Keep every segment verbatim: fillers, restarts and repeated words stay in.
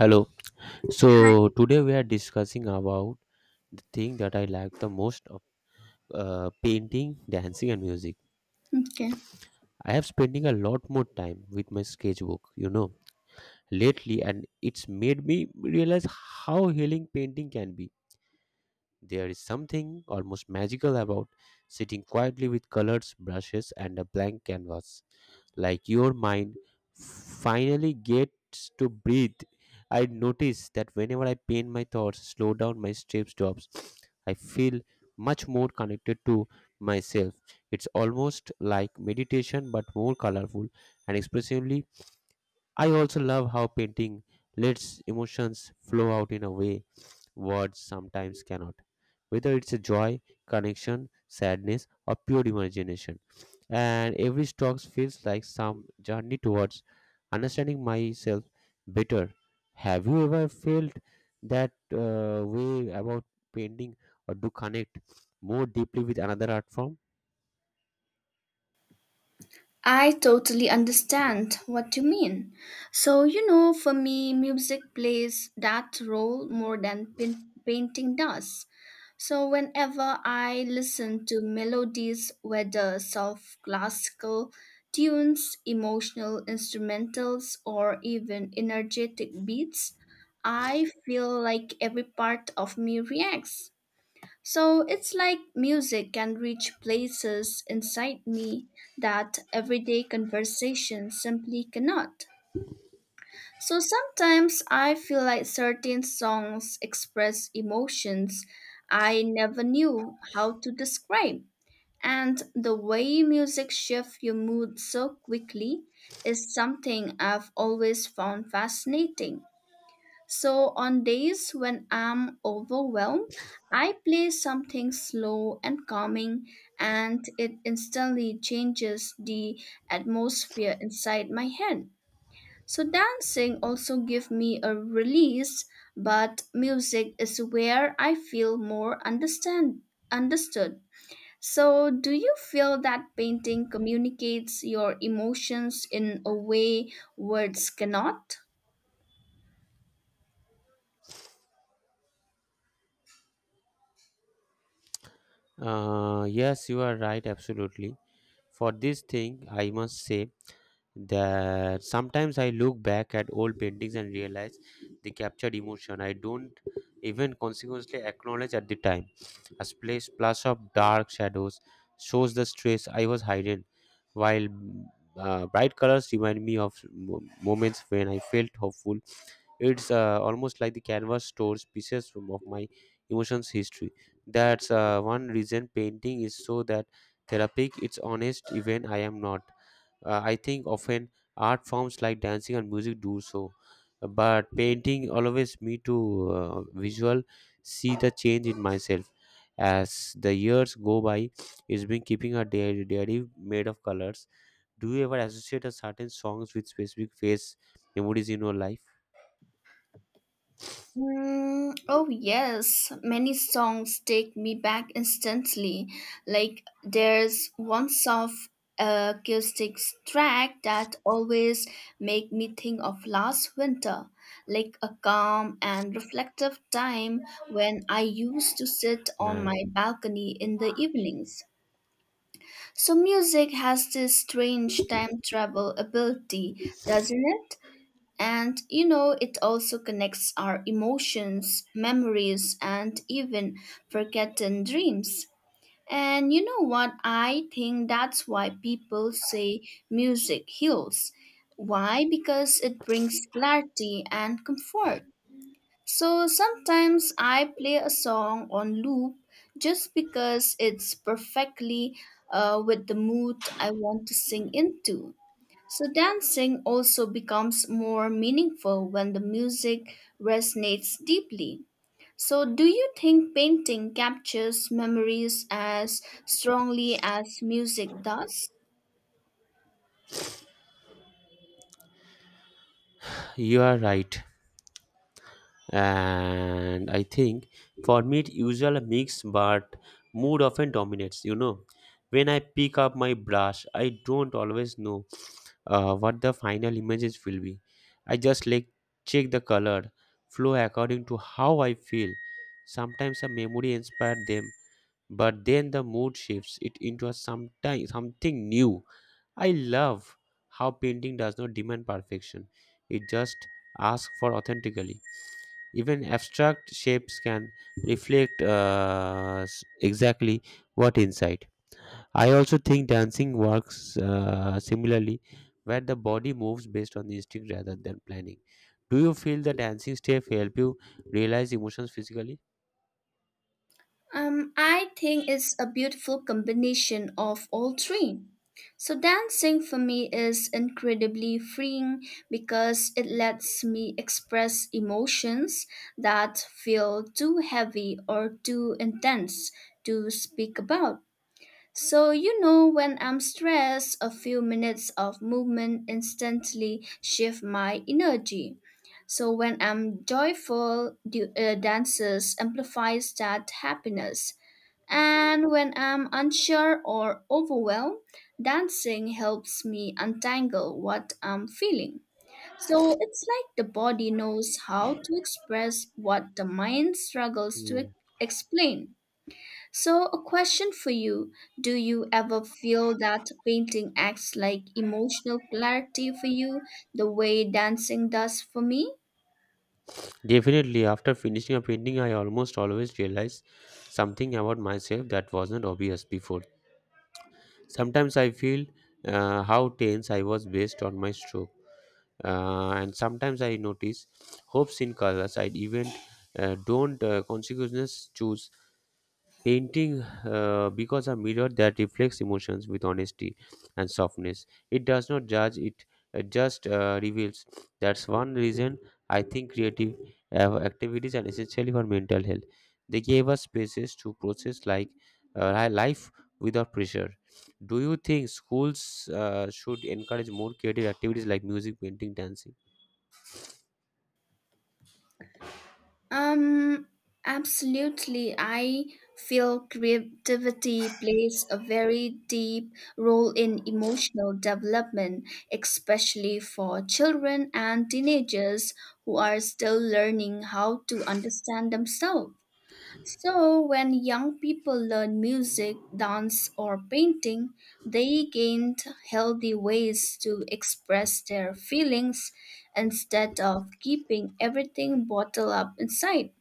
Hello. So today we are discussing about the thing that I like the most of uh, painting, dancing, and music. Okay. I have spending a lot more time with my sketchbook, you know, lately, and it's made me realize how healing painting can be. There is something almost magical about sitting quietly with colors, brushes, and a blank canvas like your mind finally gets to breathe. I notice that whenever I paint my thoughts, slow down my step stops, I feel much more connected to myself. It's almost like meditation but more colorful and expressively. I also love how painting lets emotions flow out in a way words sometimes cannot. Whether it's a joy, connection, sadness, or pure imagination and every stroke feels like some journey towards understanding myself better. Have you ever felt that uh, way about painting or to connect more deeply with another art form? I totally understand what you mean. So, you know, for me, music plays that role more than pin- painting does. So, whenever I listen to melodies, whether soft classical tunes, emotional instrumentals, or even energetic beats, I feel like every part of me reacts. So it's like music can reach places inside me that everyday conversation simply cannot. So sometimes I feel like certain songs express emotions I never knew how to describe. And the way music shifts your mood so quickly is something I've always found fascinating. So, on days when I'm overwhelmed, I play something slow and calming, and it instantly changes the atmosphere inside my head. So, dancing also gives me a release, but music is where I feel more understand understood. So, do you feel that painting communicates your emotions in a way words cannot? Uh, yes, you are right, absolutely. For this thing, I must say that sometimes I look back at old paintings and realize they captured emotion I don't even consequently acknowledge at the time. A splash, splash of dark shadows shows the stress I was hiding, while mm, uh, bright colors remind me of mo- moments when I felt hopeful it's uh, almost like the canvas stores pieces from- of my emotions history. That's uh, one reason painting is so that therapeutic. It's honest, even I am not. Uh, I think often art forms like dancing and music do so, but painting always me to uh, visual see the change in myself as the years go by. It's been keeping a diary, diary made of colors. Do you ever associate a certain songs with specific phase memories in your life? Mm, oh yes, many songs take me back instantly. Like there's one soft acoustics track that always make me think of last winter, like a calm and reflective time when I used to sit on my balcony in the evenings. So music has this strange time travel ability, doesn't it? And you know, it also connects our emotions, memories, and even forgotten dreams. And you know what? I think that's why people say music heals. Why? Because it brings clarity and comfort. So sometimes I play a song on loop just because it's perfectly uh, with the mood I want to sing into. So dancing also becomes more meaningful when the music resonates deeply. So, do you think painting captures memories as strongly as music does? You are right. And I think for me, it's usually a mix, but mood often dominates. You know, when I pick up my brush, I don't always know uh, what the final images will be. I just like check the color flow according to how I feel. Sometimes a memory inspired them, but then the mood shifts it into a sometime, something new. I love how painting does not demand perfection, it just asks for authentically. Even abstract shapes can reflect uh, s- exactly what inside. I also think dancing works uh, similarly, where the body moves based on instinct rather than planning. Do you feel the dancing step help you realize emotions physically? Um, I think it's a beautiful combination of all three. So, dancing for me is incredibly freeing because it lets me express emotions that feel too heavy or too intense to speak about. So, you know, when I'm stressed, a few minutes of movement instantly shift my energy. So, when I'm joyful, the uh, dances amplifies that happiness. And when I'm unsure or overwhelmed, dancing helps me untangle what I'm feeling. So it's like the body knows how to express what the mind struggles to Hmm. ex- explain. So, a question for you: do you ever feel that painting acts like emotional clarity for you, the way dancing does for me? Definitely, after finishing a painting, I almost always realize something about myself that wasn't obvious before. Sometimes I feel uh, how tense I was based on my stroke, uh, and sometimes I notice hopes in colors I even uh, don't uh, consciousness choose. Painting uh, because a mirror that reflects emotions with honesty and softness. It does not judge, it uh, just uh, reveals. That's one reason I think creative uh, activities are essentially for mental health. They gave us spaces to process like uh, li- life without pressure. Do you think schools uh, should encourage more creative activities like music, painting, dancing? Um, absolutely. I feel creativity plays a very deep role in emotional development, especially for children and teenagers who are still learning how to understand themselves. So, when young people learn music, dance, or painting, they gain healthy ways to express their feelings instead of keeping everything bottled up inside.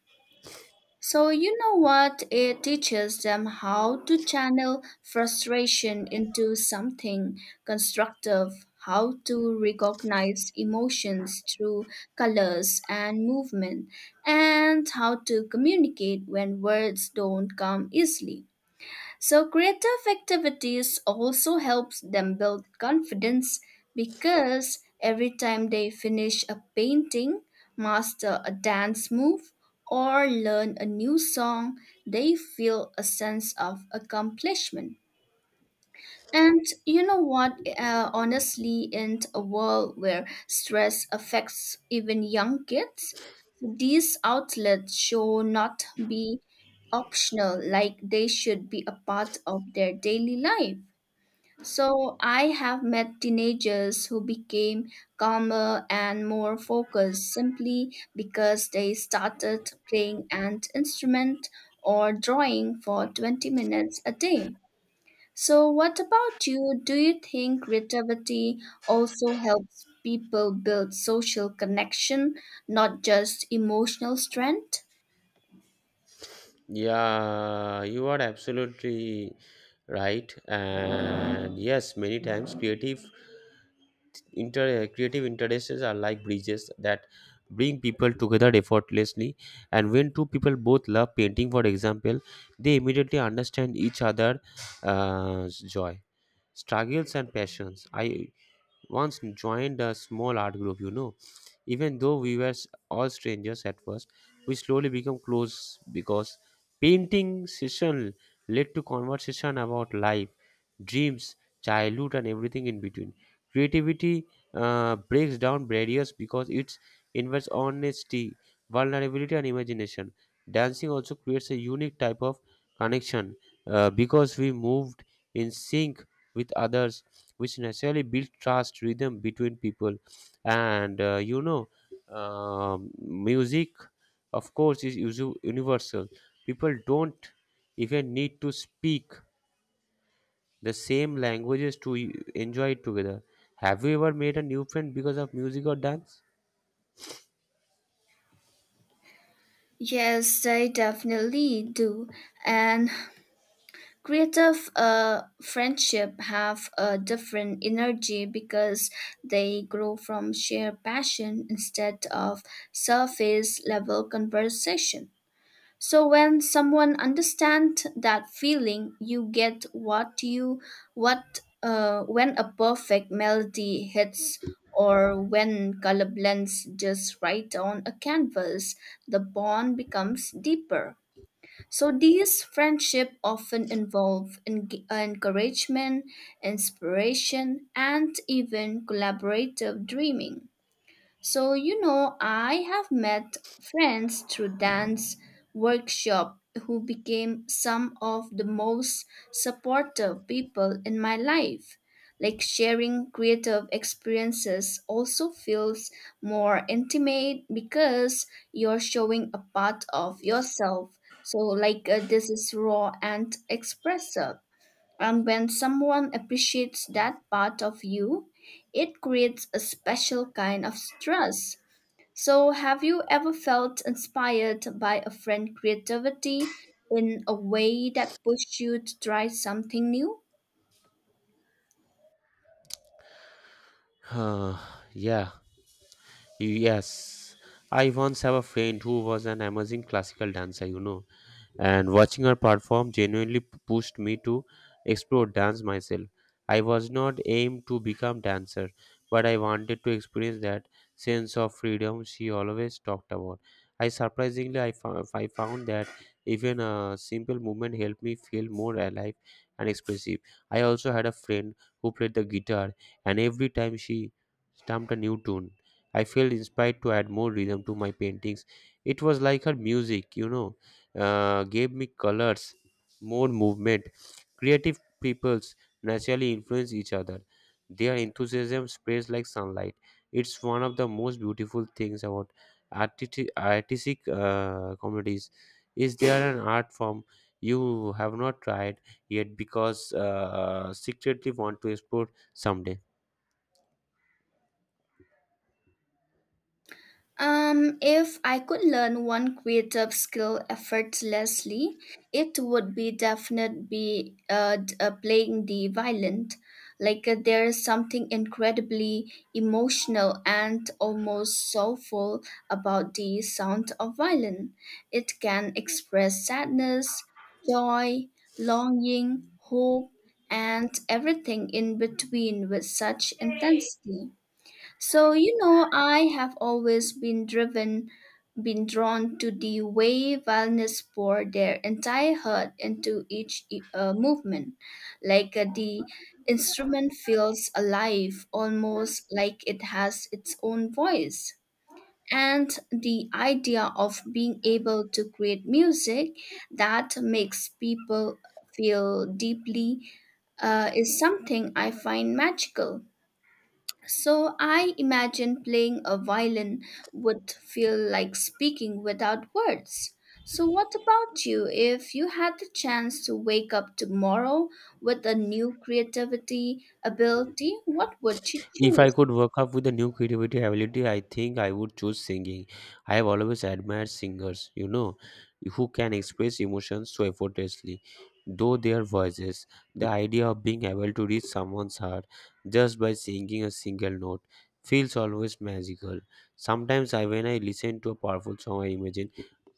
So, you know what? It teaches them how to channel frustration into something constructive, how to recognize emotions through colors and movement, and how to communicate when words don't come easily. So creative activities also helps them build confidence because every time they finish a painting, master a dance move, or learn a new song, they feel a sense of accomplishment. And you know what? Uh, honestly, in a world where stress affects even young kids, these outlets should not be optional, like they should be a part of their daily life. So I have met teenagers who became calmer and more focused simply because they started playing an instrument or drawing for twenty minutes a day. So, what about you? Do you think creativity also helps people build social connection, not just emotional strength? Yeah, you are absolutely right. And yes, many times creative inter uh, creative interests are like bridges that bring people together effortlessly and when two people both love painting for example they immediately understand each other's uh, joy struggles and passions I once joined a small art group, you know, even though we were s- all strangers at first, we slowly became close because painting session led to conversation about life, dreams, childhood, and everything in between. Creativity uh, breaks down barriers because it invites honesty, vulnerability, and imagination. Dancing also creates a unique type of connection uh, because we moved in sync with others which naturally build trust rhythm between people and uh, you know um, music of course is usu- universal. People don't even need to speak the same languages to e- enjoy it together. Have you ever made a new friend because of music or dance? Yes, I definitely do. And creative uh, friendship have a different energy because they grow from shared passion instead of surface level conversation. So when someone understands that feeling, you get what you what uh, when a perfect melody hits or when color blends just right on a canvas, the bond becomes deeper. So these friendship often involve eng- encouragement, inspiration, and even collaborative dreaming. So, you know, I have met friends through dance workshop who became some of the most supportive people in my life. Like sharing creative experiences also feels more intimate because you're showing a part of yourself. So, like, uh, this is raw and expressive. And when someone appreciates that part of you, it creates a special kind of trust. So, have you ever felt inspired by a friend's creativity in a way that pushed you to try something new? Huh, yeah yes, I once have a friend who was an amazing classical dancer, you know, and watching her perform genuinely p- pushed me to explore dance myself. I was not aimed to become dancer, but I wanted to experience that sense of freedom she always talked about. I surprisingly I, fou- I found that even a simple movement helped me feel more alive and expressive. I also had a friend who played the guitar, and every time she stamped a new tune, I felt inspired to add more rhythm to my paintings. It was like her music, you know uh, gave me colors, more movement. Creative peoples naturally influence each other. Their enthusiasm spreads like sunlight. It's one of the most beautiful things about artisti- artistic uh, communities. Is there an art form you have not tried yet because uh, secretly want to explore someday? Um, if I could learn one creative skill effortlessly, it would be definitely be uh, d- uh, playing the violin. Like uh, there is something incredibly emotional and almost soulful about the sound of violin. It can express sadness, joy, longing, hope, and everything in between with such intensity. So, you know, I have always been driven, been drawn to the way wellness pour their entire heart into each e, uh, movement. Like uh, the instrument feels alive, almost like it has its own voice. And the idea of being able to create music that makes people feel deeply uh, is something I find magical. So I imagine playing a violin would feel like speaking without words. So, what about you? If you had the chance to wake up tomorrow with a new creativity ability, what would you If I choose? could work up with a new creativity ability, I think I would choose singing. I have always admired singers, you know, who can express emotions so effortlessly, though their voices. The idea of being able to reach someone's heart just by singing a single note feels always magical. Sometimes I when I listen to a powerful song I imagine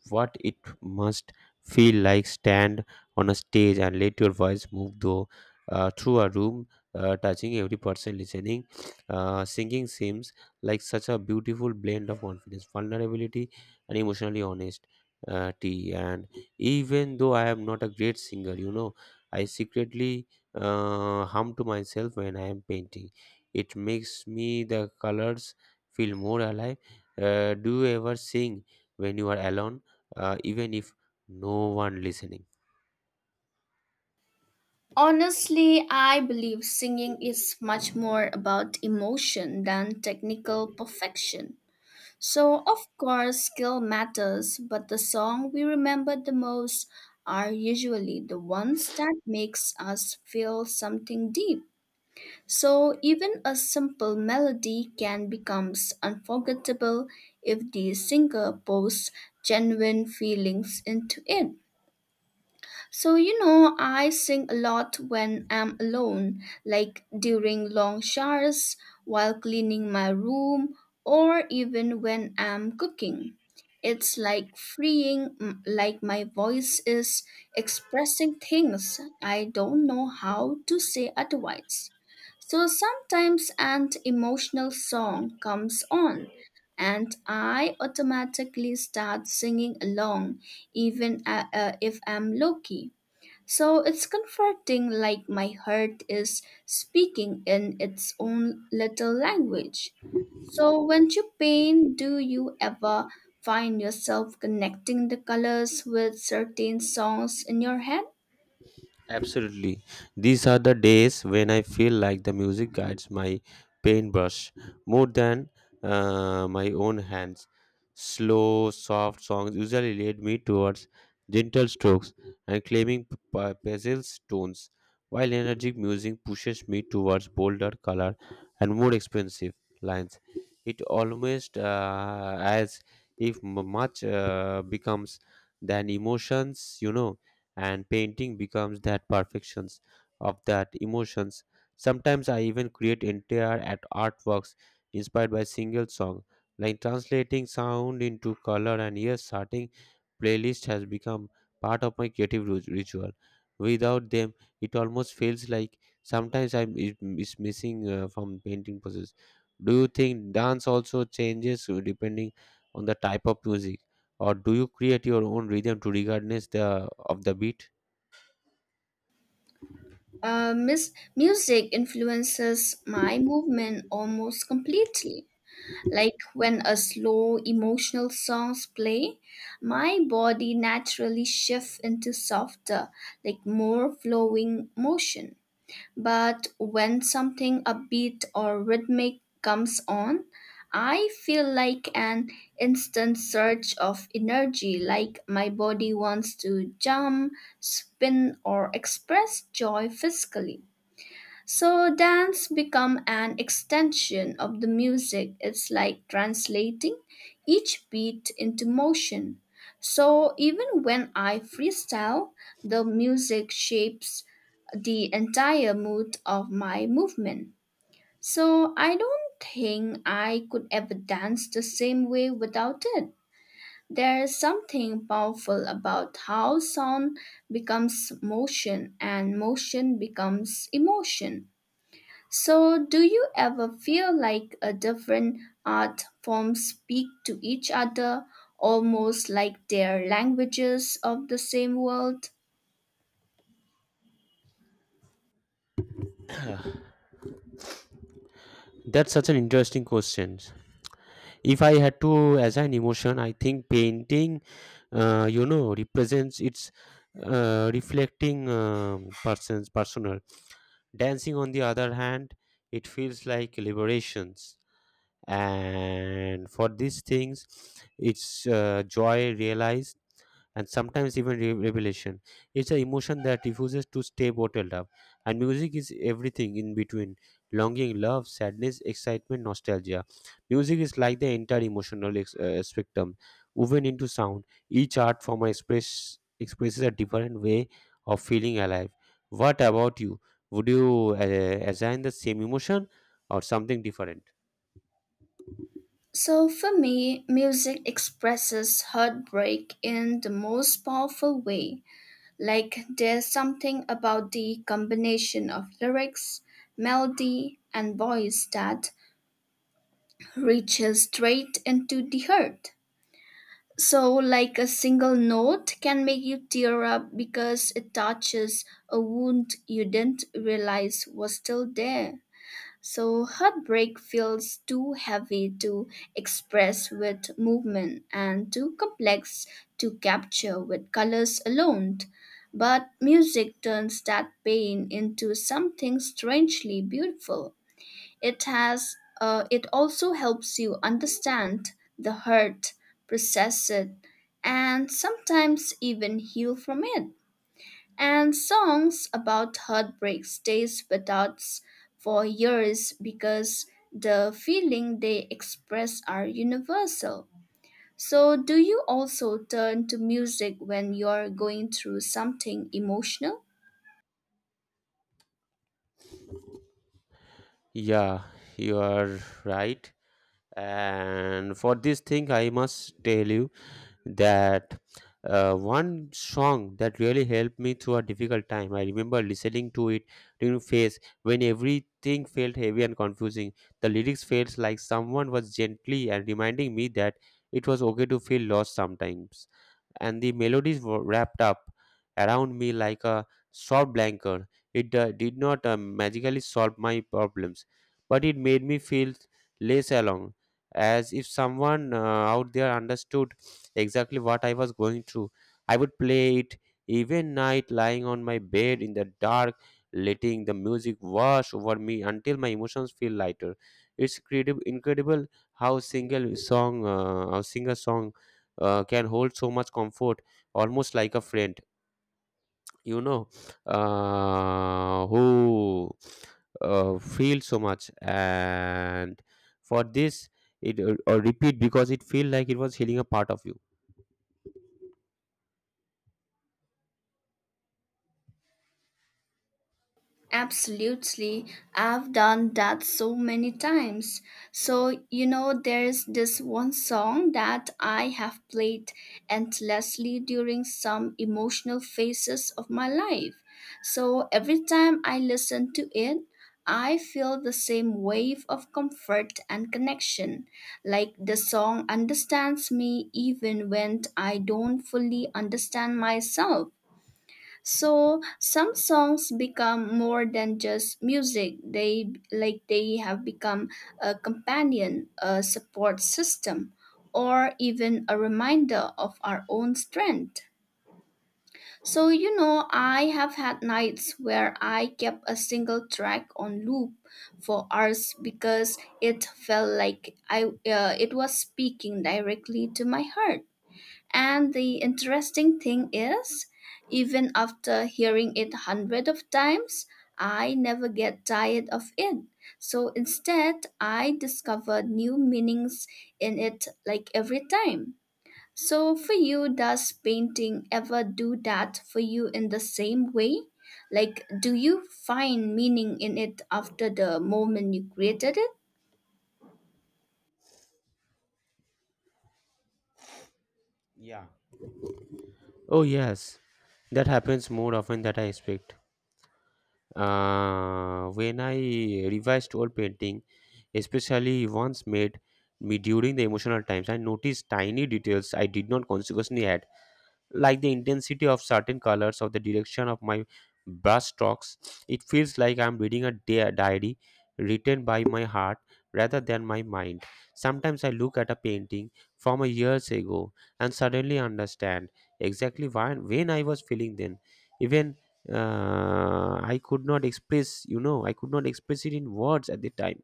what it must feel like stand on a stage and let your voice move though uh, through a room uh, touching every person listening. Uh, singing seems like such a beautiful blend of confidence vulnerability and emotionally honest uh, tea. And even though I am not a great singer, you know, I secretly uh, hum to myself when I am painting. It makes me the colors feel more alive. Uh, do you ever sing when you are alone, uh, even if no one listening? Honestly, I believe singing is much more about emotion than technical perfection. So, of course, skill matters, but the song we remember the most are usually the ones that makes us feel something deep. So, even a simple melody can becomes unforgettable if the singer pours genuine feelings into it. So, you know, I sing a lot when I'm alone, like during long showers, while cleaning my room, or even when I'm cooking. It's like freeing, m- like my voice is expressing things I don't know how to say otherwise. So sometimes an emotional song comes on, and I automatically start singing along, even uh, uh, if I'm low key. So it's comforting, like my heart is speaking in its own little language. So when you paint, do you ever find yourself connecting the colors with certain songs in your head? Absolutely. These are the days when I feel like the music guides my paintbrush more than uh, my own hands. Slow, soft songs usually lead me towards gentle strokes and claiming p- p- pastel tones, while energetic music pushes me towards bolder color and more expensive lines. It almost uh, as if m- much uh, becomes than emotions, you know, and painting becomes that perfections of that emotions. Sometimes I even create entire at artworks inspired by single song, like translating sound into color. And yes, starting playlist has become part of my creative ru- ritual. Without them it almost feels like sometimes I'm is is missing uh, from painting process. Do you think dance also changes uh, depending on the type of music, or do you create your own rhythm to regardless the of the beat? Uh, mis- music influences my movement almost completely. Like when a slow emotional songs play, my body naturally shifts into softer, like more flowing motion. But when something upbeat or rhythmic comes on, I feel like an instant surge of energy, like my body wants to jump, spin, or express joy physically. So dance become an extension of the music. It's like translating each beat into motion. So even when I freestyle, the music shapes the entire mood of my movement. So I don't think I could ever dance the same way without it. There is something powerful about how sound becomes motion and motion becomes emotion. So, do you ever feel like a different art forms speak to each other, almost like they're languages of the same world? That's such an interesting question. If I had to assign emotion I think painting uh, you know represents its uh, reflecting um, person's personal. Dancing on the other hand it feels like liberations, and for these things it's uh, joy realized and sometimes even re- revelation. It's an emotion that refuses to stay bottled up. And music is everything in between: longing, love, sadness, excitement, nostalgia. Music is like the entire emotional ex- uh, spectrum woven into sound. Each art form express expresses a different way of feeling alive. What about you? Would you uh, assign the same emotion or something different? So, for me, music expresses heartbreak in the most powerful way. Like, there's something about the combination of lyrics, melody, and voice that reaches straight into the heart. So, like a single note can make you tear up because it touches a wound you didn't realize was still there. So, heartbreak feels too heavy to express with movement and too complex to capture with colors alone. But music turns that pain into something strangely beautiful. It has uh, it also helps you understand the hurt, process it, and sometimes even heal from it. And songs about heartbreak stays with us for years because the feeling they express are universal. So do you also turn to music when you're going through something emotional? Yeah, you are right. And for this thing, I must tell you, that uh, one song that really helped me through a difficult time. I remember listening to it during phase when everything felt heavy and confusing. The lyrics felt like someone was gently and reminding me that it was okay to feel lost sometimes. And the melodies were wrapped up around me like a soft blanket. It uh, did not uh, magically solve my problems, but it made me feel less alone, as if someone uh, out there understood exactly what I was going through. I would play it even night, lying on my bed in the dark, letting the music wash over me until my emotions feel lighter. It's credi- incredible how single song, uh, how single song uh, can hold so much comfort, almost like a friend. You know, uh, who uh, feel so much, and for this, it uh, uh, repeat because it feel like it was healing a part of you. Absolutely. I've done that so many times. So, you know, there's this one song that I have played endlessly during some emotional phases of my life. So, every time I listen to it, I feel the same wave of comfort and connection. Like the song understands me even when I don't fully understand myself. So some songs become more than just music. They like they have become a companion, a support system, or even a reminder of our own strength. So you know, I have had nights where I kept a single track on loop for hours because it felt like I uh, it was speaking directly to my heart. And the interesting thing is, even after hearing it hundreds of times, I never get tired of it. So instead, I discover new meanings in it like every time. So for you, does painting ever do that for you in the same way? Like, do you find meaning in it after the moment you created it? Yeah. Oh yes, that happens more often than I expect. Uh, when I revised old painting, especially once made me during the emotional times, I noticed tiny details I did not consciously like the intensity of certain colors or the direction of my brush strokes. It feels like I'm reading a di- diary written by my heart rather than my mind. Sometimes I look at a painting from a years ago and suddenly understand exactly why when I was feeling then. Even uh, I could not express, you know, I could not express it in words at the time.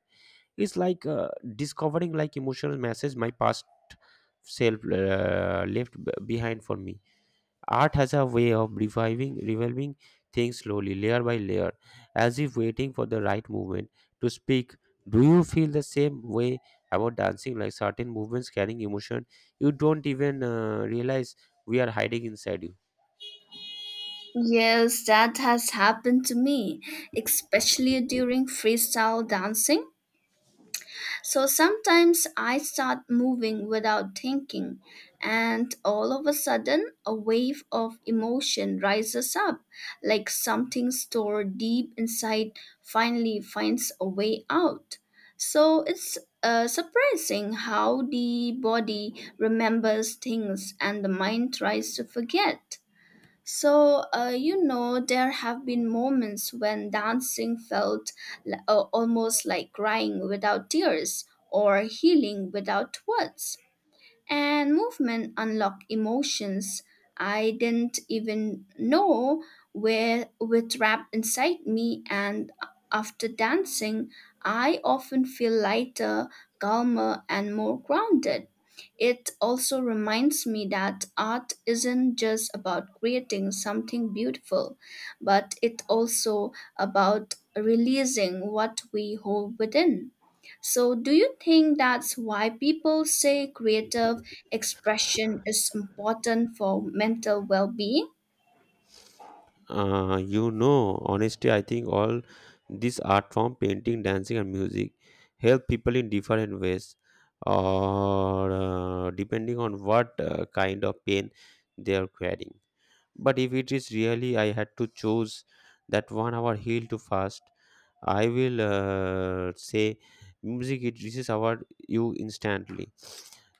It's like uh, discovering like emotional message my past self uh, left b- behind for me. Art has a way of reviving, revolving things slowly, layer by layer, as if waiting for the right movement to speak. Do you feel the same way about dancing? Like certain movements carrying emotion, you don't even uh, realize we are hiding inside you. Yes, that has happened to me, especially during freestyle dancing. So sometimes I start moving without thinking, and all of a sudden, a wave of emotion rises up, like something stored deep inside finally finds a way out. So it's uh, surprising how the body remembers things and the mind tries to forget. So, uh, you know, there have been moments when dancing felt l- uh, almost like crying without tears or healing without words, and movement unlock emotions I didn't even know were were trapped inside me, and after dancing I often feel lighter, calmer and more grounded. It also reminds me that art isn't just about creating something beautiful, but it also about releasing what we hold within. So, do you think that's why people say creative expression is important for mental well being? Uh, you know, honestly, I think all this art form, painting, dancing, and music, help people in different ways, or uh, depending on what uh, kind of pain they are carrying. But if it is really I had to choose that one hour heel to fast, I will uh, say music it reaches our you instantly.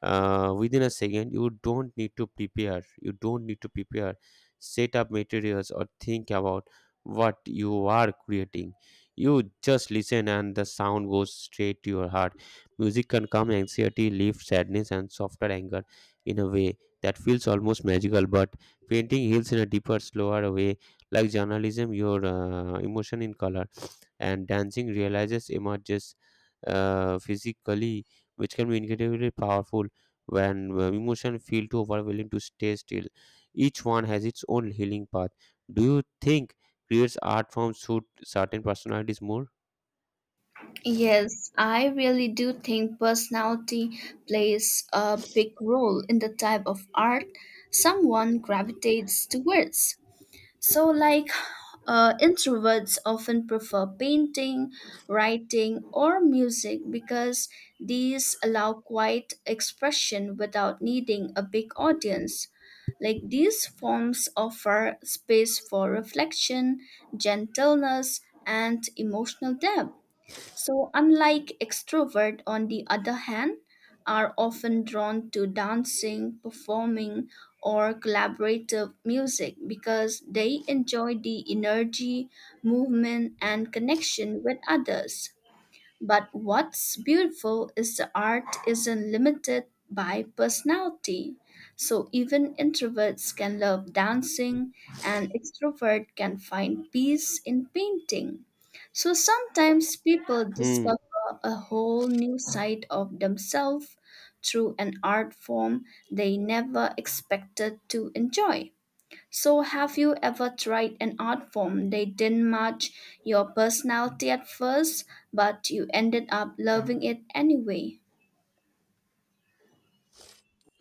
Uh, within a second, you don't need to prepare. You don't need to prepare, set up materials or think about what you are creating. You just listen, and the sound goes straight to your heart. Music can calm anxiety, relief, sadness, and softer anger in a way that feels almost magical. But painting heals in a deeper, slower way, like journalism, your uh, emotion in color. And dancing realizes emerges uh, physically, which can be incredibly powerful when uh, emotion feel too overwhelming to stay still. Each one has its own healing path. Do you think creates art forms suit certain personalities more? Yes, I really do think personality plays a big role in the type of art someone gravitates towards. So, like uh, introverts often prefer painting, writing, or music because these allow quiet expression without needing a big audience. Like these forms offer space for reflection, gentleness, and emotional depth. So, unlike extrovert, on the other hand, are often drawn to dancing, performing, or collaborative music because they enjoy the energy, movement, and connection with others. But what's beautiful is the art isn't limited by personality. So even introverts can love dancing and extrovert can find peace in painting. So sometimes people Hmm. discover a whole new side of themselves through an art form they never expected to enjoy. So, have you ever tried an art form that didn't match your personality at first, but you ended up loving it anyway?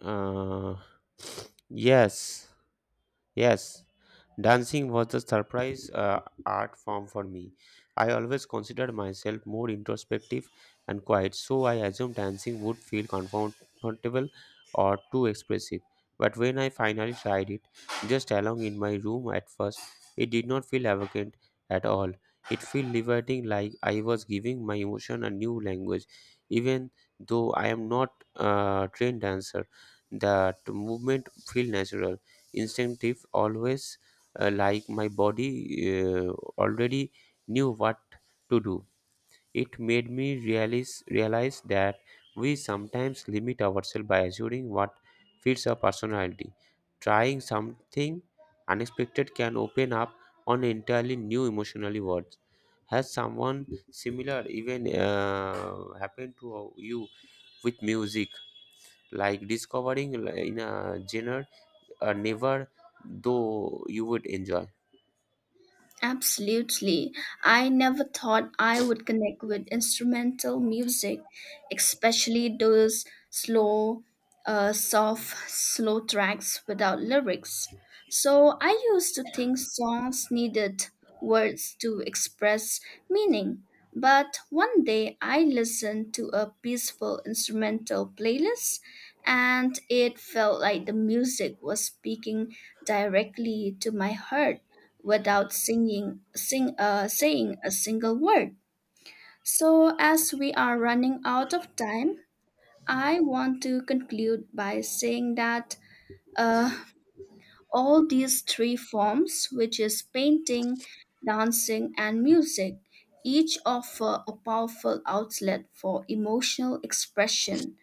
Uh, yes. Yes, dancing was the surprise uh, art form for me. I always considered myself more introspective and quiet, so I assumed dancing would feel comfortable or too expressive. But when I finally tried it, just along in my room at first, it did not feel arrogant at all. It felt liberating, like I was giving my emotion a new language. Even though I am not a trained dancer, that movement felt natural instinctive always uh, like my body uh, already knew what to do. It made me realize realize that we sometimes limit ourselves by assuming what fits our personality. Trying something unexpected can open up on entirely new emotionally worlds. Has someone similar even uh, happened to you with music, like discovering in a genre uh, never though you would enjoy? Absolutely. I never thought I would connect with instrumental music, especially those slow, uh, soft, slow tracks without lyrics. So I used to think songs needed words to express meaning. But one day I listened to a peaceful instrumental playlist and it felt like the music was speaking directly to my heart without singing sing uh, saying a single word. So as we are running out of time, I want to conclude by saying that uh, all these three forms, which is painting, dancing, and music, each offer a powerful outlet for emotional expression,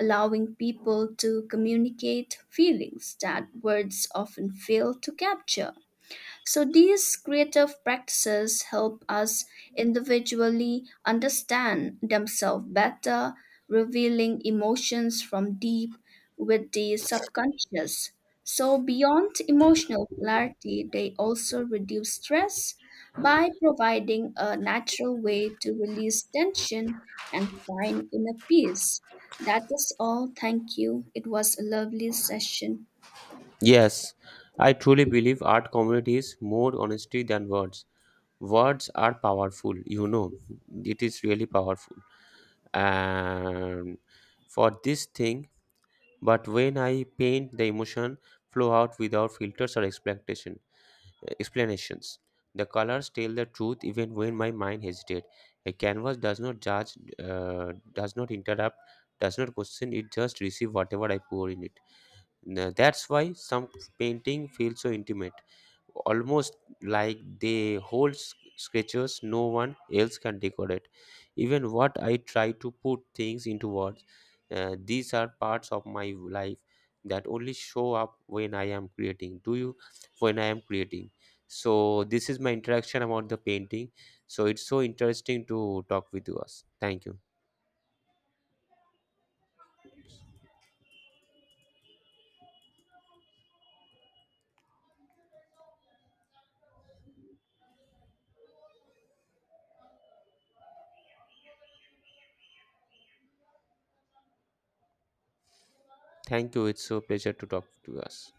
allowing people to communicate feelings that words often fail to capture. So these creative practices help us individually understand themselves better, revealing emotions from deep with the subconscious. So beyond emotional clarity, they also reduce stress by providing a natural way to release tension and find inner peace. That is all. Thank you. It was a lovely session. Yes, I truly believe art communities more honesty than words. Words are powerful, you know. It is really powerful. And for this thing, but when I paint the emotion flow out without filters or expectation explanations. The colors tell the truth even when my mind hesitates. A canvas does not judge, uh, does not interrupt, does not question, it just receives whatever I pour in it. Now, that's why some painting feels so intimate, almost like they hold s- sketches no one else can decorate. Even what I try to put things into words, uh, these are parts of my life that only show up when I am creating. Do you? When I am creating. So this is my interaction about the painting. So it's so interesting to talk with you us. Thank you. Thank you. It's so pleasure to talk to us.